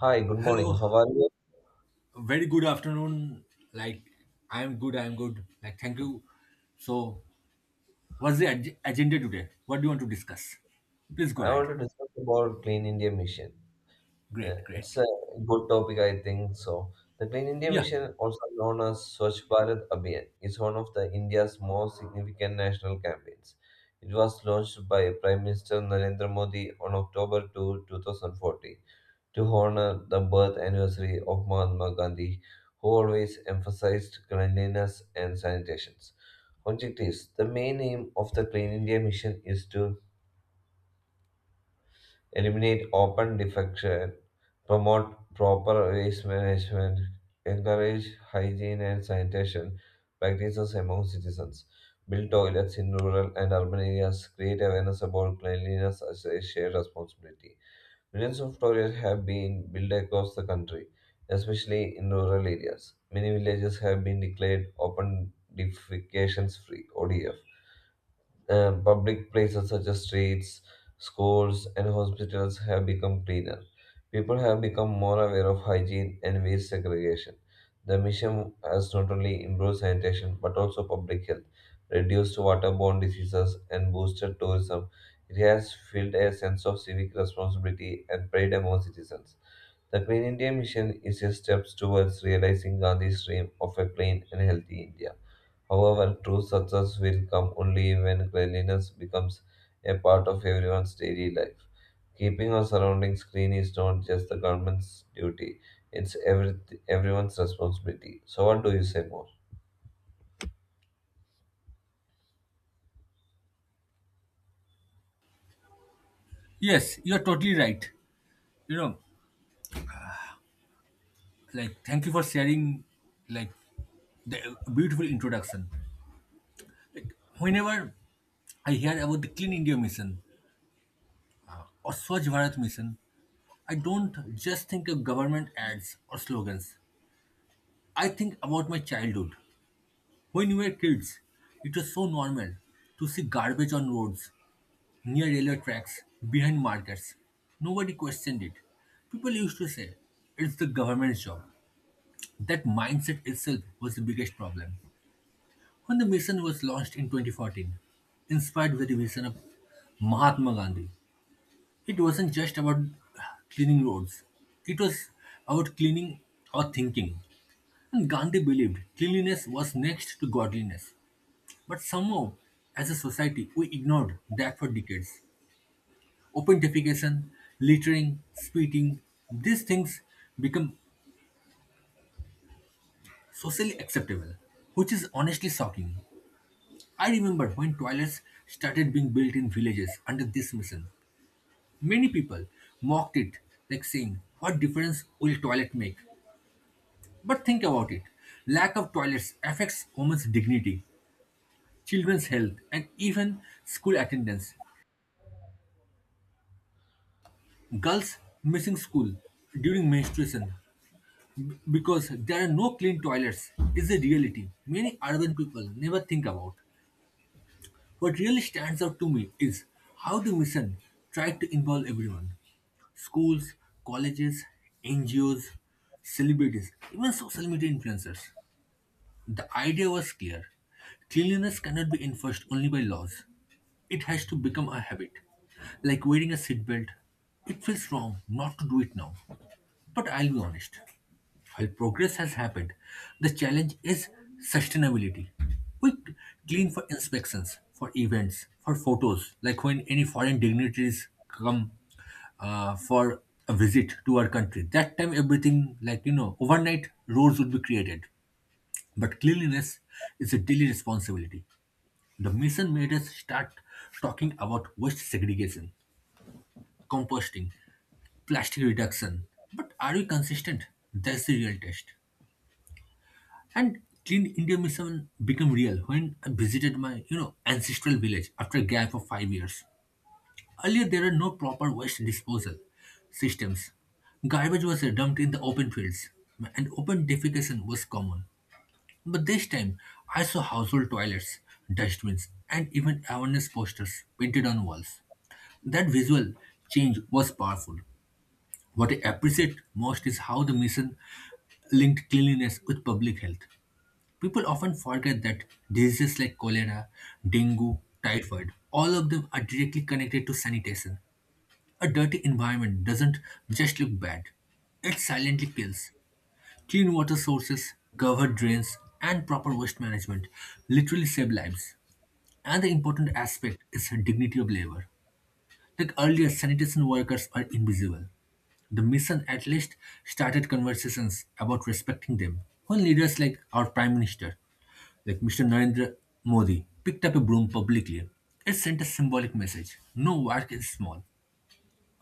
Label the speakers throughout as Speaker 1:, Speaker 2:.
Speaker 1: Hi, good morning.
Speaker 2: Hello,
Speaker 1: How are you?
Speaker 2: very good afternoon. Like, I'm good, I'm good. Like, thank you. So, what's the agenda today? What do you want to discuss? Please go
Speaker 1: I
Speaker 2: ahead.
Speaker 1: want to discuss about Clean India Mission.
Speaker 2: Great,
Speaker 1: It's
Speaker 2: great.
Speaker 1: a good topic, I think. So, the Clean India
Speaker 2: Yeah,
Speaker 1: Mission, also known as Swachh Bharat Abhiyan, is one of the India's most significant national campaigns. It was launched by Prime Minister Narendra Modi on October 2, 2, 2014, to honor the birth anniversary of Mahatma Gandhi, who always emphasized cleanliness and sanitation. Objectives: the main aim of the Clean India Mission is to eliminate open defecation, promote proper waste management, encourage hygiene and sanitation practices among citizens, build toilets in rural and urban areas, create awareness about cleanliness as a shared responsibility. Millions of toilets have been built across the country, especially in rural areas. Many villages have been declared open defecations free (ODF). Public places such as streets, schools, and hospitals have become cleaner. People have become more aware of hygiene and waste segregation. The mission has not only improved sanitation but also public health, reduced waterborne diseases, and boosted tourism. It has filled a sense of civic responsibility and pride among citizens. The Clean India Mission is a step towards realizing Gandhi's dream of a clean and healthy India. However, true success will come only when cleanliness becomes a part of everyone's daily life. Keeping our surroundings clean is not just the government's duty, it's everyone's responsibility. So, what do you say more?
Speaker 2: yes, you're totally right. You know, like, thank you for sharing, like, the beautiful introduction. Whenever I hear about the Clean India mission or Swachh Bharat mission, I don't just think of government ads or slogans. I think about my childhood. When we were kids, it was so normal to see garbage on roads, near railway tracks, behind markets. Nobody questioned it. People used to say, it's the government's job. That mindset itself was the biggest problem. When the mission was launched in 2014, inspired by the vision of Mahatma Gandhi, it wasn't just about cleaning roads, it was about cleaning our thinking. And Gandhi believed cleanliness was next to godliness. But somehow, as a society, we ignored that for decades. Open defecation, littering, spitting, these things become socially acceptable, which is honestly shocking. I remember when toilets started being built in villages under this mission. Many people mocked it, like saying, "What difference will toilet make?" But think about it: lack of toilets affects women's dignity, children's health, and even school attendance. Girls missing school during menstruation because there are no clean toilets is a reality many urban people never think about. What really stands out to me is how the mission tried to involve everyone: schools, colleges, NGOs, celebrities, even social media influencers. The idea was clear: cleanliness cannot be enforced only by laws, it has to become a habit, like wearing a seatbelt. It feels wrong not to do it now. But I'll be honest, while progress has happened, the challenge is sustainability. We clean for inspections, for events, for photos, like when any foreign dignitaries come for a visit to our country. That time, everything, like, overnight roads would be created. But cleanliness is a daily responsibility. The mission made us start talking about waste segregation, composting, plastic reduction. But are we consistent? That's the real test. And Clean India mission became real when I visited my ancestral village after a gap of 5 years. Earlier, there were no proper waste disposal systems. Garbage was dumped in the open fields, and open defecation was common. But this time, I saw household toilets, dustbins, and even awareness posters painted on walls. That visual change was powerful. What I appreciate most is how the mission linked cleanliness with public health. People often forget that diseases like cholera, dengue, typhoid, all of them are directly connected to sanitation. A dirty environment doesn't just look bad, it silently kills. Clean water sources, covered drains, and proper waste management literally save lives. And the important aspect is the dignity of labor. Like earlier, sanitation workers are invisible. The mission at least started conversations about respecting them. When leaders like our Prime Minister like Mr. Narendra Modi picked up a broom publicly, it sent a symbolic message: no work is small.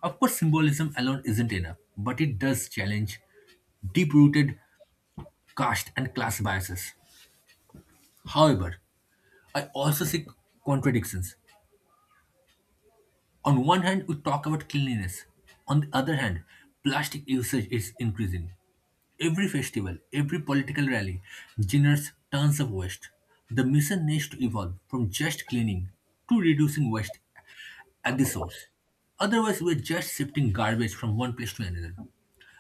Speaker 2: Of course, symbolism alone isn't enough, but it does challenge deep rooted caste and class biases. However, I also see contradictions. On one hand, we talk about cleanliness. On the other hand, plastic usage is increasing. Every festival, every political rally generates tons of waste. The mission needs to evolve from just cleaning to reducing waste at the source. Otherwise, we're just shifting garbage from one place to another.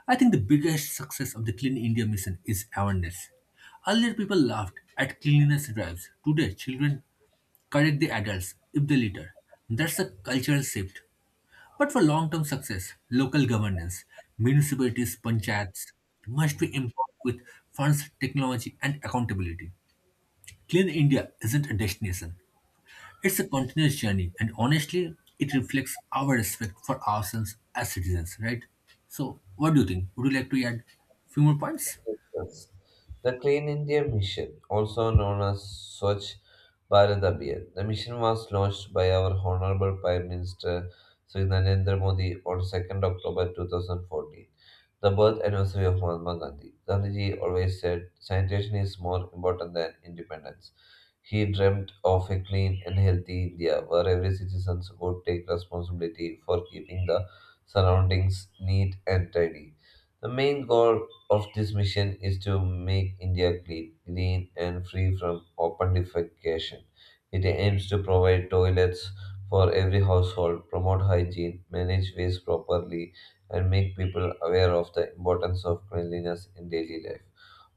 Speaker 2: I think the biggest success of the Clean India mission is awareness. Earlier, people laughed at cleanliness drives. Today, children correct the adults if they litter. That's a cultural shift, but for long-term success, local governance, municipalities, panchayats must be empowered with funds, technology, and accountability. Clean India isn't a destination. It's a continuous journey, and honestly, it reflects our respect for ourselves as citizens, right? So, what do you think? Would you like to add few more points?
Speaker 1: Yes. The Clean India Mission, also known as Swachh Bharat Abhiyan. The mission was launched by our Honorable Prime Minister Sri Narendra Modi on 2nd October 2014, the birth anniversary of Mahatma Gandhi. Gandhiji always said, sanitation is more important than independence. He dreamt of a clean and healthy India where every citizen would take responsibility for keeping the surroundings neat and tidy. The main goal of this mission is to make India clean, green, and free from open defecation. It aims to provide toilets for every household, promote hygiene, manage waste properly, and make people aware of the importance of cleanliness in daily life.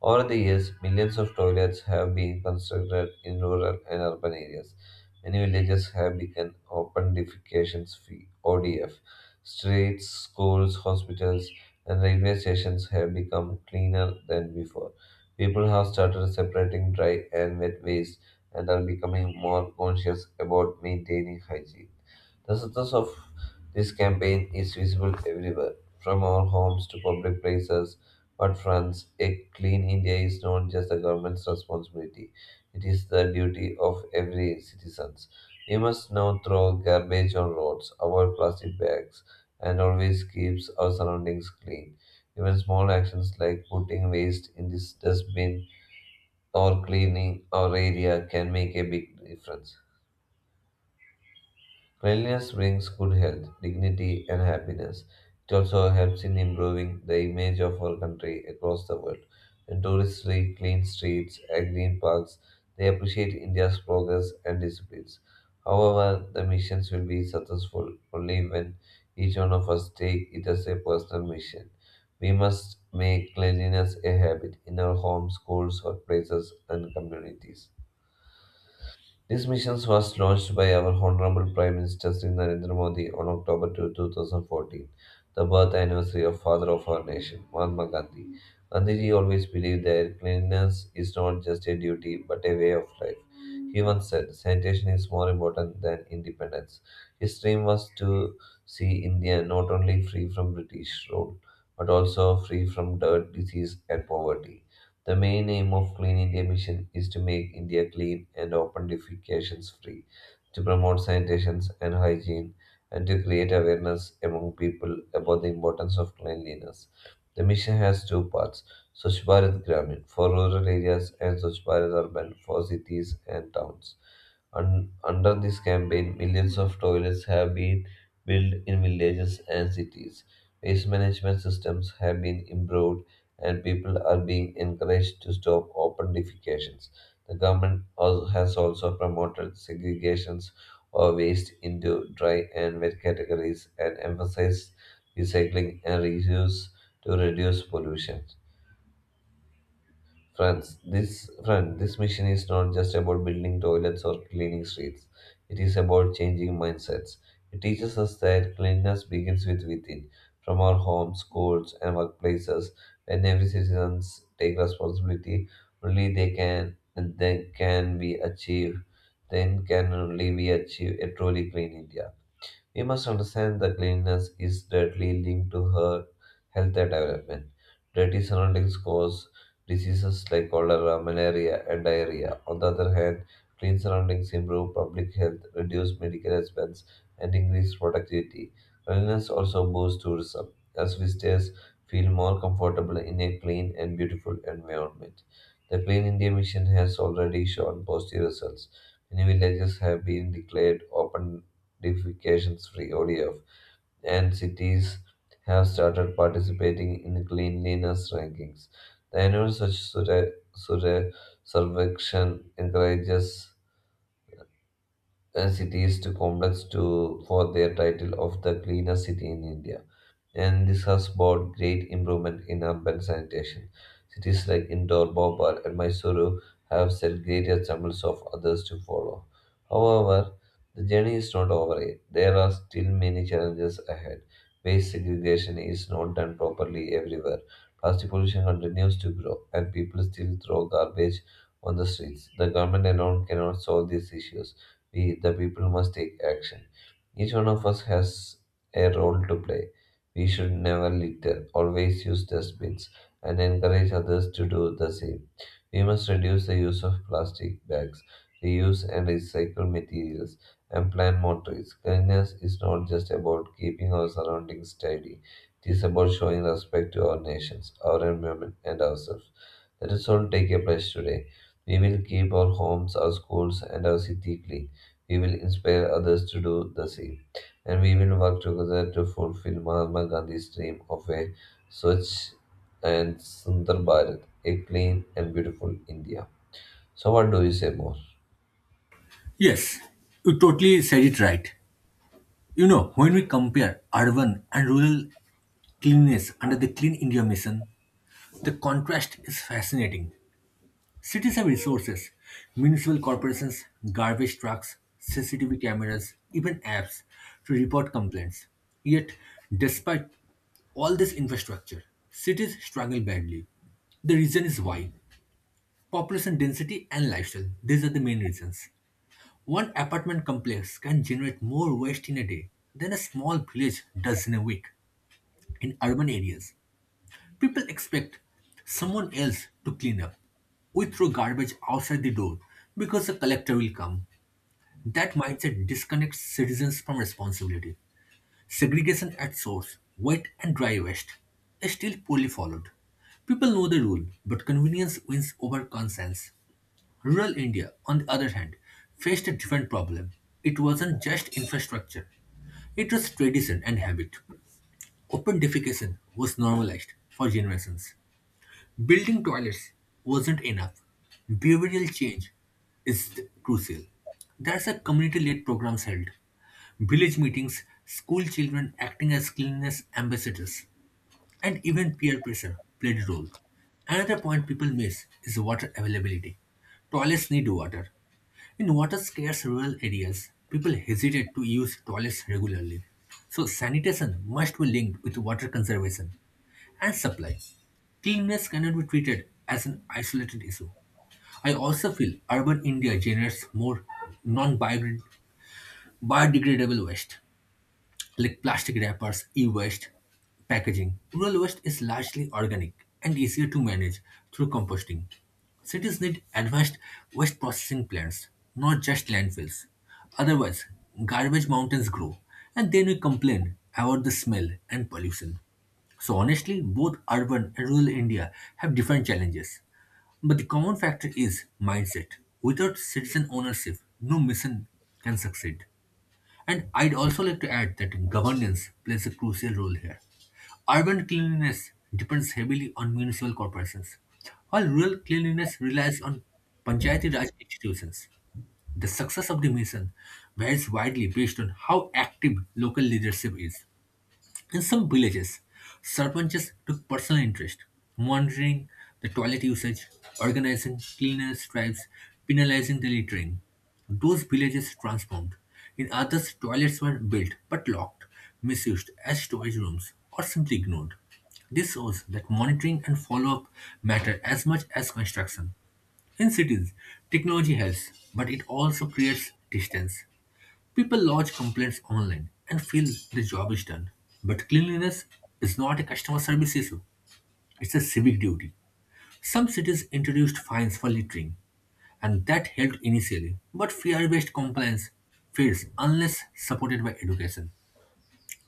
Speaker 1: Over the years, millions of toilets have been constructed in rural and urban areas. Many villages have become open defecation free (ODF). Streets, schools, hospitals, and railway stations have become cleaner than before. People have started separating dry and wet waste and are becoming more conscious about maintaining hygiene. The success of this campaign is visible everywhere, from our homes to public places, but France, a clean India is not just the government's responsibility, it is the duty of every citizen. We must now throw garbage on roads, avoid plastic bags, and always keeps our surroundings clean. Even small actions like putting waste in this dustbin or cleaning our area can make a big difference. Cleanliness brings good health, dignity, and happiness. It also helps in improving the image of our country across the world. When tourists see clean streets and green parks, they appreciate India's progress and disciplines. However, the missions will be successful only when each one of us take it as a personal mission. We must make cleanliness a habit in our homes, schools, workplaces, and communities. This mission was launched by our Honorable Prime Minister Sri Narendra Modi on October 2, 2, 2014, the birth anniversary of Father of our Nation, Mahatma Gandhi. Gandhiji always believed that cleanliness is not just a duty but a way of life. He once said, sanitation is more important than independence. His dream was to see India not only free from British rule but also free from dirt, disease, and poverty. The main aim of Clean India Mission is to make India clean and open defecations free, to promote sanitation and hygiene, and to create awareness among people about the importance of cleanliness. The mission has two parts: Swachh Bharat Gramin for rural areas and Swachh Bharat Urban for cities and towns. Under this campaign, millions of toilets have been built in villages and cities. Waste management systems have been improved and people are being encouraged to stop open defecations. The government has also promoted segregations or waste into dry and wet categories and emphasized recycling and reuse to reduce pollution. Friends, this mission is not just about building toilets or cleaning streets. It is about changing mindsets. It teaches us that cleanliness begins with within, from our homes, schools, and workplaces. When every citizens take responsibility, only they can then can be achieved. Then can only we achieve a truly clean India. We must understand that cleanliness is directly linked to her health and development. Dirty surroundings cause diseases like cholera, malaria, and diarrhea. On the other hand, clean surroundings improve public health, reduce medical expense, and increase productivity. Cleanliness also boosts tourism, as visitors feel more comfortable in a clean and beautiful environment. The Clean India mission has already shown positive results. Many villages have been declared open certifications-free (ODF), and cities have started participating in cleanliness rankings. The annual Swachh survey Surya encourages cities to complex to for their title of the cleanest city in India, and this has brought great improvement in urban sanitation. Cities like Indore, Bhopal, and Mysuru have set great examples of others to follow. However, the journey is not over yet. There are still many challenges ahead. Waste segregation is not done properly everywhere. Plastic pollution continues to grow, and people still throw garbage on the streets. The government alone cannot solve these issues. We, the people, must take action. Each one of us has a role to play. We should never litter, always use dustbins, and encourage others to do the same. We must reduce the use of plastic bags, reuse and recycle materials, and plant more trees. Cleanliness is not just about keeping our surroundings tidy, it is about showing respect to our nations, our environment, and ourselves. Let us all take a pledge today. We will keep our homes, our schools, and our city clean. We will inspire others to do the same. And we will work together to fulfill Mahatma Gandhi's dream of a Swachh and Sundar Bharat, a clean and beautiful India. So, what do you say more?
Speaker 2: Yes, you totally said it right. When we compare urban and rural cleanliness under the Clean India mission, the contrast is fascinating. Cities have resources, municipal corporations, garbage trucks, CCTV cameras, even apps to report complaints. Yet, despite all this infrastructure, cities struggle badly. The reason is why population density and lifestyle, these are the main reasons. One apartment complex can generate more waste in a day than a small village does in a week. In urban areas, people expect someone else to clean up. We throw garbage outside the door because the collector will come. That mindset disconnects citizens from responsibility. Segregation at source, wet and dry waste, is still poorly followed. People know the rule, but convenience wins over conscience. Rural India, on the other hand, faced a different problem. It wasn't just infrastructure, it was tradition and habit. Open defecation was normalized for generations. Building toilets wasn't enough. Behavioral change is crucial. There's a community-led programs held, village meetings, school children acting as cleanliness ambassadors, and even peer pressure played a role. Another point people miss is water availability. Toilets need water. In water-scarce rural areas, people hesitate to use toilets regularly. So sanitation must be linked with water conservation and supply. Cleanliness cannot be treated as an isolated issue. I also feel urban India generates more non biodegradable waste like plastic wrappers, e-waste, packaging. Rural waste is largely organic and easier to manage through composting. Cities need advanced waste processing plants, not just landfills. Otherwise, garbage mountains grow, and then we complain about the smell and pollution. So honestly, both urban and rural India have different challenges. But the common factor is mindset. Without citizen ownership, no mission can succeed. And I'd also like to add that governance plays a crucial role here. Urban cleanliness depends heavily on municipal corporations, while rural cleanliness relies on Panchayati Raj institutions. The success of the mission varies widely based on how active local leadership is. In some villages, sarpanchas took personal interest, monitoring the toilet usage, organizing cleaners' stripes, penalizing the littering. Those villages transformed. In others, toilets were built but locked, misused as storage rooms, or simply ignored. This shows that monitoring and follow up matter as much as construction. In cities, technology helps, but it also creates distance. People lodge complaints online and feel the job is done. But cleanliness is not a customer service issue, it's a civic duty. Some cities introduced fines for littering, and that helped initially. But fear based compliance fails unless supported by education.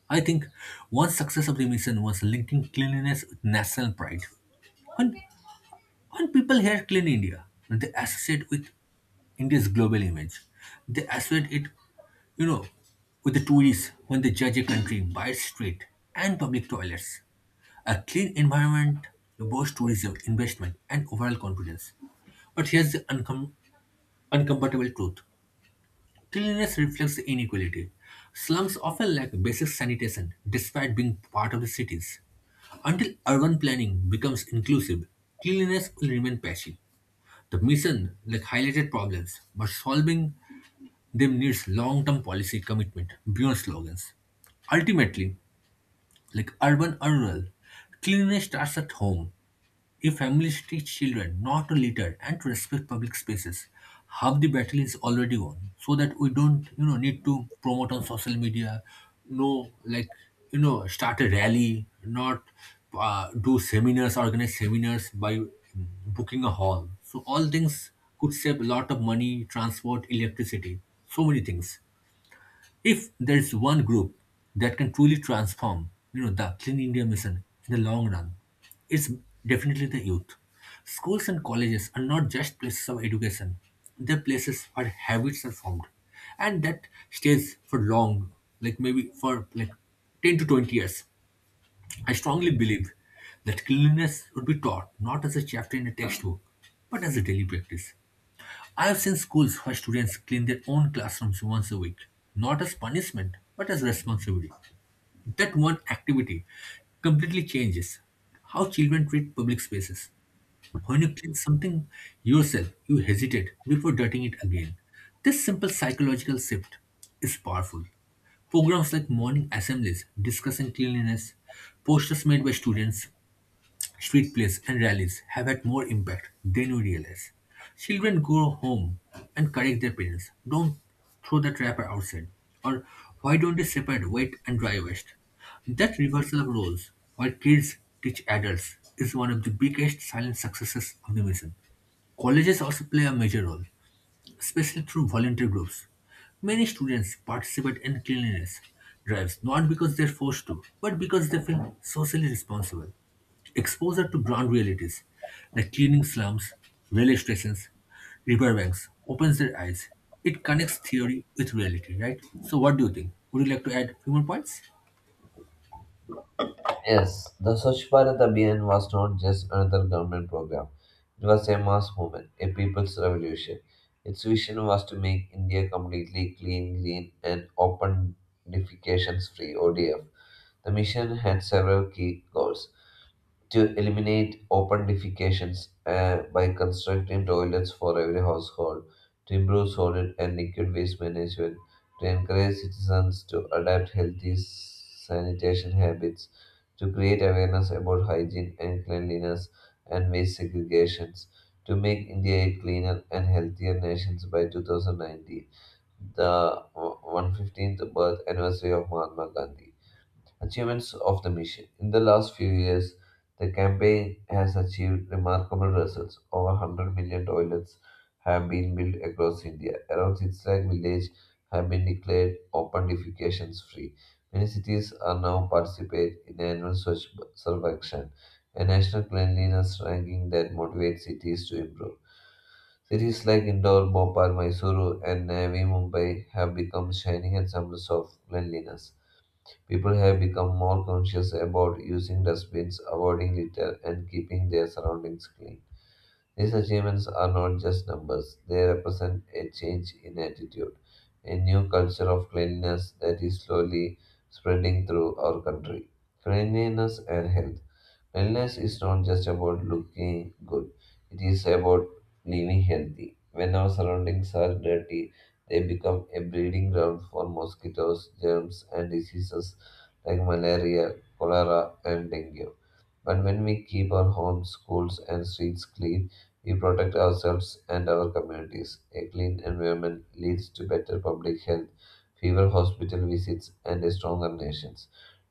Speaker 2: I think one success of the mission was linking cleanliness with national pride. When when people hear Clean India, they associate with India's global image. They associate it, you know, with the tourists when they judge a country by its street and public toilets. A clean environment boosts tourism, investment, and overall confidence. But here's the uncomfortable truth. Cleanliness reflects the inequality. Slums often lack basic sanitation despite being part of the cities. Until urban planning becomes inclusive, cleanliness will remain patchy. The mission, like, highlighted problems, but solving them needs long-term policy commitment beyond slogans. Ultimately, like urban or rural, cleanliness starts at home. If families teach children not to litter and to respect public spaces, half the battle is already won. So that we don't need to promote on social media, no, like, start a rally, not do seminars, organize seminars by booking a hall. So all things could save a lot of money, transport, electricity, so many things. If there is one group that can truly transform the Clean India mission in the long run, it's definitely the youth. Schools and colleges are not just places of education, they're places where habits are formed, and that stays for long, like maybe for like 10 to 20 years. I strongly believe that cleanliness would be taught not as a chapter in a textbook but as a daily practice. I've seen schools where students clean their own classrooms once a week, not as punishment, but as responsibility. That one activity completely changes how children treat public spaces. When you clean something yourself, you hesitate before dirtying it again. This simple psychological shift is powerful. Programs like morning assemblies discussing cleanliness, posters made by students, street plays and rallies have had more impact than we realize. Children go home and correct their parents. Don't throw the wrapper outside. Or why don't they separate wet and dry waste? That reversal of roles, where kids teach adults, is one of the biggest silent successes of the mission. Colleges also play a major role, especially through volunteer groups. Many students participate in cleanliness drives not because they're forced to, but because they feel socially responsible. Exposure to ground realities like cleaning slums, railway stations, riverbanks opens their eyes. It connects theory with reality, right? So, what do you think? Would you like to add a few more points?
Speaker 1: Yes, the Swachh Bharat Abhiyan was not just another government program. It was a mass movement, a people's revolution. Its vision was to make India completely clean, green, and open defecations free (ODF). The mission had several key goals: to eliminate open defecations by constructing toilets for every household, to improve solid and liquid waste management, to encourage citizens to adopt healthy sanitation habits, to create awareness about hygiene and cleanliness and waste segregations, to make India a cleaner and healthier nation by 2019, the 115th birth anniversary of Mahatma Gandhi. Achievements of the mission: in the last few years, the campaign has achieved remarkable results. Over 100 million toilets have been built across India. Around 6 lakh villages have been declared open defecation free. Many cities are now participate in annual Swachh Sarva Action, a national cleanliness ranking that motivates cities to improve. Cities like Indore, Bhopal, Mysuru, and Navi Mumbai have become shining examples of cleanliness. People have become more conscious about using dustbins, avoiding litter, and keeping their surroundings clean. These achievements are not just numbers, they represent a change in attitude, a new culture of cleanliness that is slowly spreading through our country. Cleanliness and health. Wellness is not just about looking good, it is about living healthy. When our surroundings are dirty, they become a breeding ground for mosquitoes, germs, and diseases like malaria, cholera, and dengue. But when we keep our homes, schools, and streets clean, we protect ourselves and our communities. A clean environment leads to better public health, fewer hospital visits, and a stronger nation.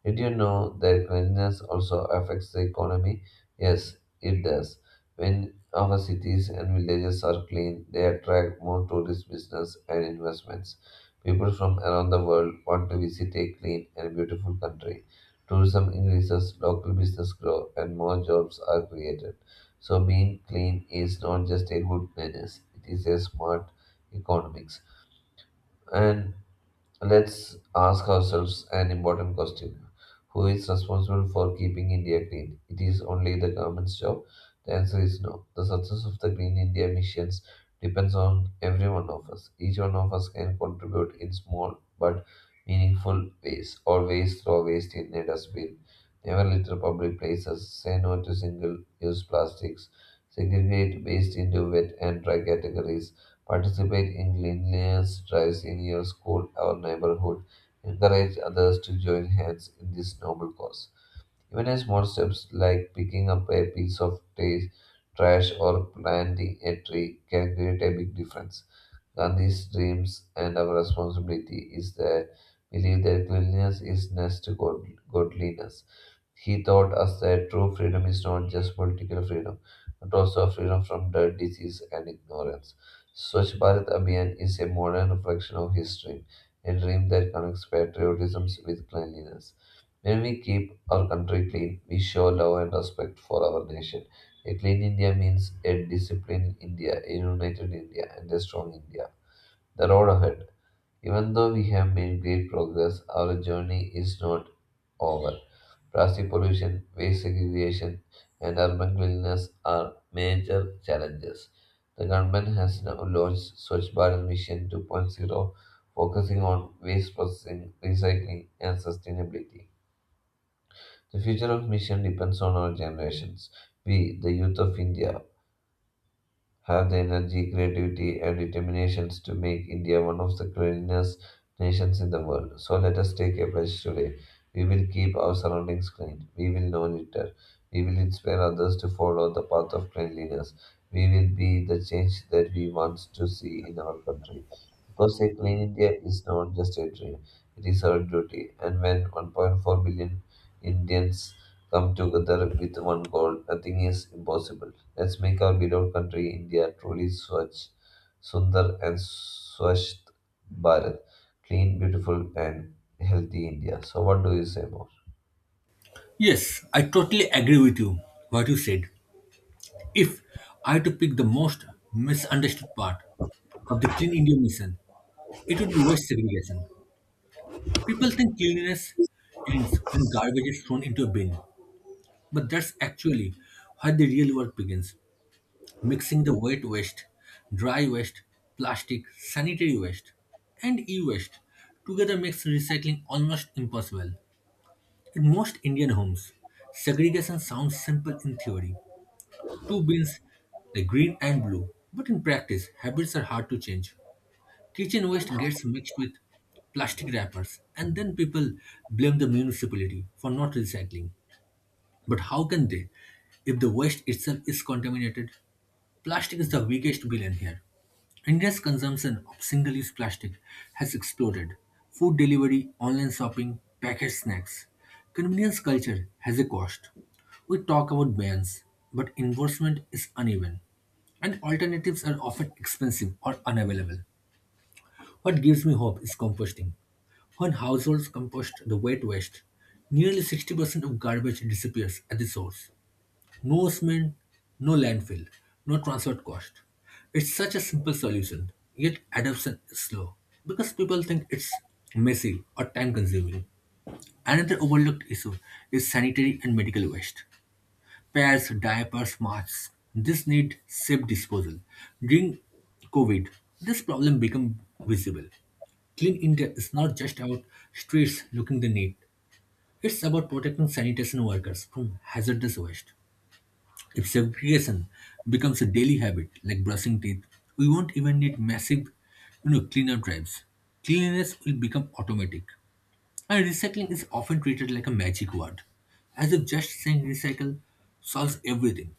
Speaker 1: Did you know that cleanliness also affects the economy? Yes, it does. When our cities and villages are clean, they attract more tourist business and investments. People from around the world want to visit a clean and beautiful country. Tourism increases, local business grow, and more jobs are created. So, being clean is not just a good manners, it is a smart economics. And let's ask ourselves an important question. Who is responsible for keeping India clean? It is only the government's job? The answer is no. The success of the Green India missions depends on every one of us. Each one of us can contribute in small but meaningful ways. Always throw waste in a dustbin. Never litter public places. Say no to single use plastics. Segregate waste into wet and dry categories. Participate in cleanliness drives in your school or neighborhood. Encourage others to join hands in this noble cause. Even a small steps like picking up a piece of trash or planting a tree can create a big difference. Gandhi's dreams and our responsibility is that believe that cleanliness is next to godliness. He taught us that true freedom is not just political freedom, but also freedom from dirt, disease, and ignorance. Swachh Bharat Abhiyan is a modern reflection of his dream, a dream that connects patriotism with cleanliness. When we keep our country clean, we show love and respect for our nation. A clean India means a disciplined India, a united India, and a strong India. The road ahead: even though we have made great progress, our journey is not over. Plastic pollution, waste segregation, and urban cleanliness are major challenges. The government has now launched Swachh Bharat Mission 2.0, focusing on waste processing, recycling, and sustainability. The future of mission depends on our generations, we, the youth of India, have the energy, creativity, and determinations to make India one of the cleanest nations in the world. So let us take a pledge today. We will keep our surroundings clean. We will no litter. We will inspire others to follow the path of cleanliness. We will be the change that we want to see in our country. Because a clean India is not just a dream, it is our duty. And when 1.4 billion Indians come together with one goal, nothing is impossible. Let's make our beloved country, India, truly Swachh, Sundar, and Swasth Bharat. Clean, beautiful, and healthy India. So, what do you say more?
Speaker 2: Yes, I totally agree with you, what you said. If I had to pick the most misunderstood part of the Clean India mission, it would be waste segregation. People think cleanliness ends when garbage is thrown into a bin, but that's actually where the real work begins. Mixing the wet waste, dry waste, plastic, sanitary waste, and e waste together makes recycling almost impossible. In most Indian homes, segregation sounds simple in theory: two bins, like green and blue, but in practice, habits are hard to change. Kitchen waste gets mixed with plastic wrappers, and then people blame the municipality for not recycling. But how can they if the waste itself is contaminated? Plastic is the biggest villain here. India's consumption of single use plastic has exploded. Food delivery, online shopping, packaged snacks. Convenience culture has a cost. We talk about bans, but enforcement is uneven, and alternatives are often expensive or unavailable. What gives me hope is composting. When households compost the wet waste, nearly 60% of garbage disappears at the source. No cement, no landfill, no transport cost. It's such a simple solution, yet adoption is slow because people think it's messy or time consuming. Another overlooked issue is sanitary and medical waste. Pads, diapers, masks. This need safe disposal. During COVID, this problem became visible. Clean India is not just about streets looking the neat. It's about protecting sanitation workers from hazardous waste. If segregation becomes a daily habit, like brushing teeth, we won't even need massive, cleanup drives. Cleanliness will become automatic. And recycling is often treated like a magic word, as if just saying recycle solves everything.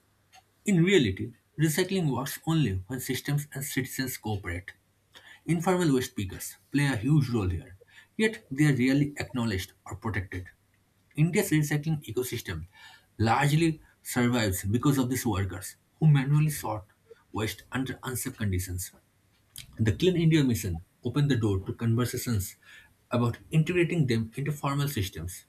Speaker 2: In reality, recycling works only when systems and citizens cooperate. Informal waste pickers play a huge role here, yet they are rarely acknowledged or protected. India's recycling ecosystem largely survives because of these workers who manually sort waste under unsafe conditions. The Clean India Mission opened the door to conversations about integrating them into formal systems,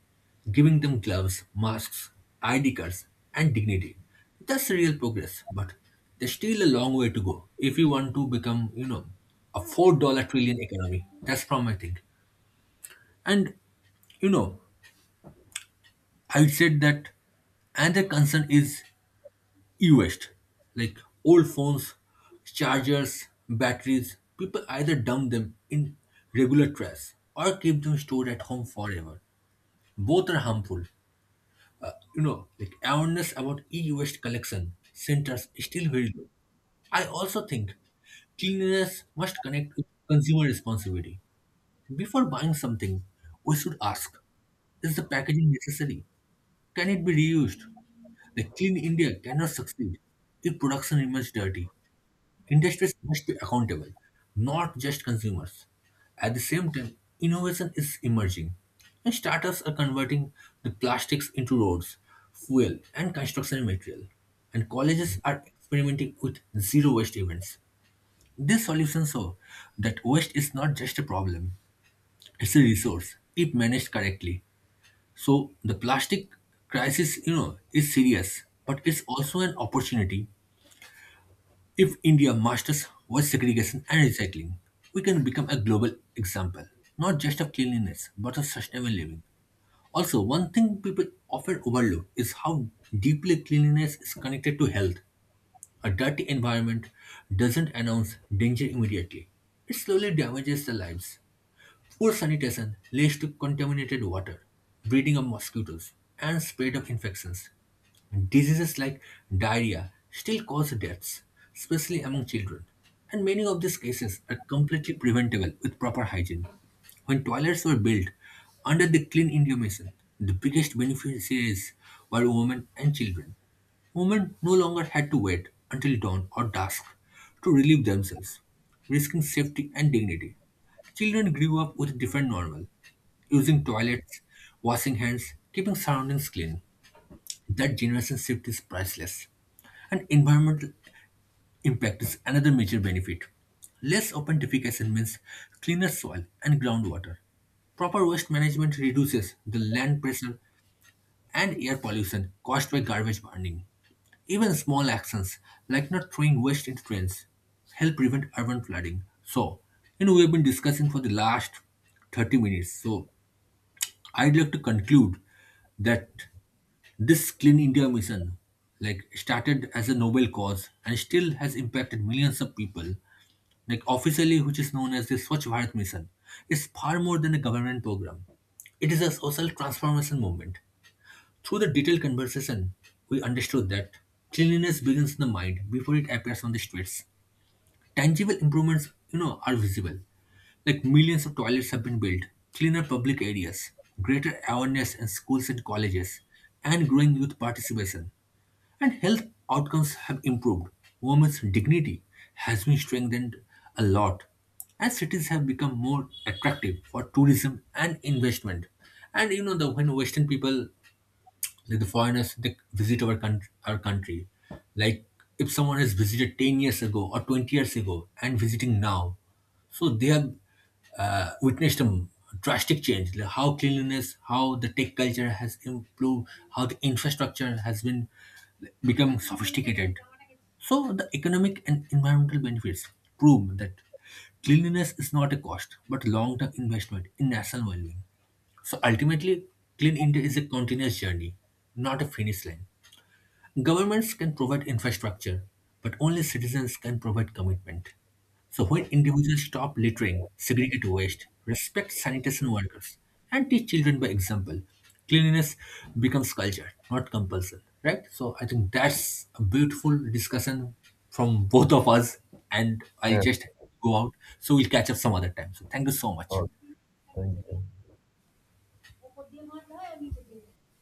Speaker 2: giving them gloves, masks, ID cards, and dignity. That's real progress, but there's still a long way to go if you want to become, a 4 trillion economy. That's from, I think. And, you know, I said that another concern is e-waste, like old phones, chargers, batteries. People either dump them in regular trash or keep them stored at home forever. Both are harmful. You know, like, awareness about e-waste collection centers is still very low. I also think cleanliness must connect with consumer responsibility. Before buying something, we should ask: is the packaging necessary? Can it be reused? The Clean India cannot succeed if production remains dirty. Industries must be accountable, not just consumers. At the same time, innovation is emerging, and startups are converting the plastics into roads, fuel, and construction material. And colleges are experimenting with zero waste events. These solutions show that waste is not just a problem; it's a resource if managed correctly. So the plastic crisis, is serious, but it's also an opportunity. If India masters waste segregation and recycling, we can become a global example, not just of cleanliness, but of sustainable living. Also, one thing people often overlook is how deeply cleanliness is connected to health. A dirty environment doesn't announce danger immediately, it slowly damages the lives. Poor sanitation leads to contaminated water, breeding of mosquitoes, and spread of infections. Diseases like diarrhea still cause deaths, especially among children, and many of these cases are completely preventable with proper hygiene. When toilets were built under the Clean India Mission, the biggest beneficiaries were women and children. Women no longer had to wait until dawn or dusk to relieve themselves, risking safety and dignity. Children grew up with different normal, using toilets, washing hands, keeping surroundings clean. That generation shift is priceless. And environmental impact is another major benefit. Less open defecation means cleaner soil and groundwater. Proper waste management reduces the land pressure and air pollution caused by garbage burning. Even small actions like not throwing waste into drains help prevent urban flooding. So, we have been discussing for the last 30 minutes. So, I'd like to conclude that this Clean India mission, like, started as a noble cause and still has impacted millions of people. Like, officially, which is known as the Swachh Bharat mission, is far more than a government program. It is a social transformation movement. Through the detailed conversation, we understood that cleanliness begins in the mind before it appears on the streets. Tangible improvements, are visible. Like, millions of toilets have been built, cleaner public areas, greater awareness in schools and colleges, and growing youth participation. And health outcomes have improved. Women's dignity has been strengthened a lot. And cities have become more attractive for tourism and investment. And you know, the when Western people, like the foreigners, they visit our country, like, if someone has visited 10 years ago or 20 years ago and visiting now, so they have witnessed a drastic change, like how cleanliness, how the tech culture has improved, how the infrastructure has been become sophisticated. So the economic and environmental benefits prove that cleanliness is not a cost but long-term investment in national well-being. So ultimately, Clean India is a continuous journey, not a finish line. Governments can provide infrastructure, but only citizens can provide commitment. So when individuals stop littering, segregate waste, respect sanitation workers, and teach children by example, cleanliness becomes culture, not compulsion. Right? So I think that's a beautiful discussion from both of us, and I'll
Speaker 1: Yes,
Speaker 2: just
Speaker 1: of
Speaker 2: go out. So we'll catch up some other time. So thank you so much.
Speaker 1: course. Thank you.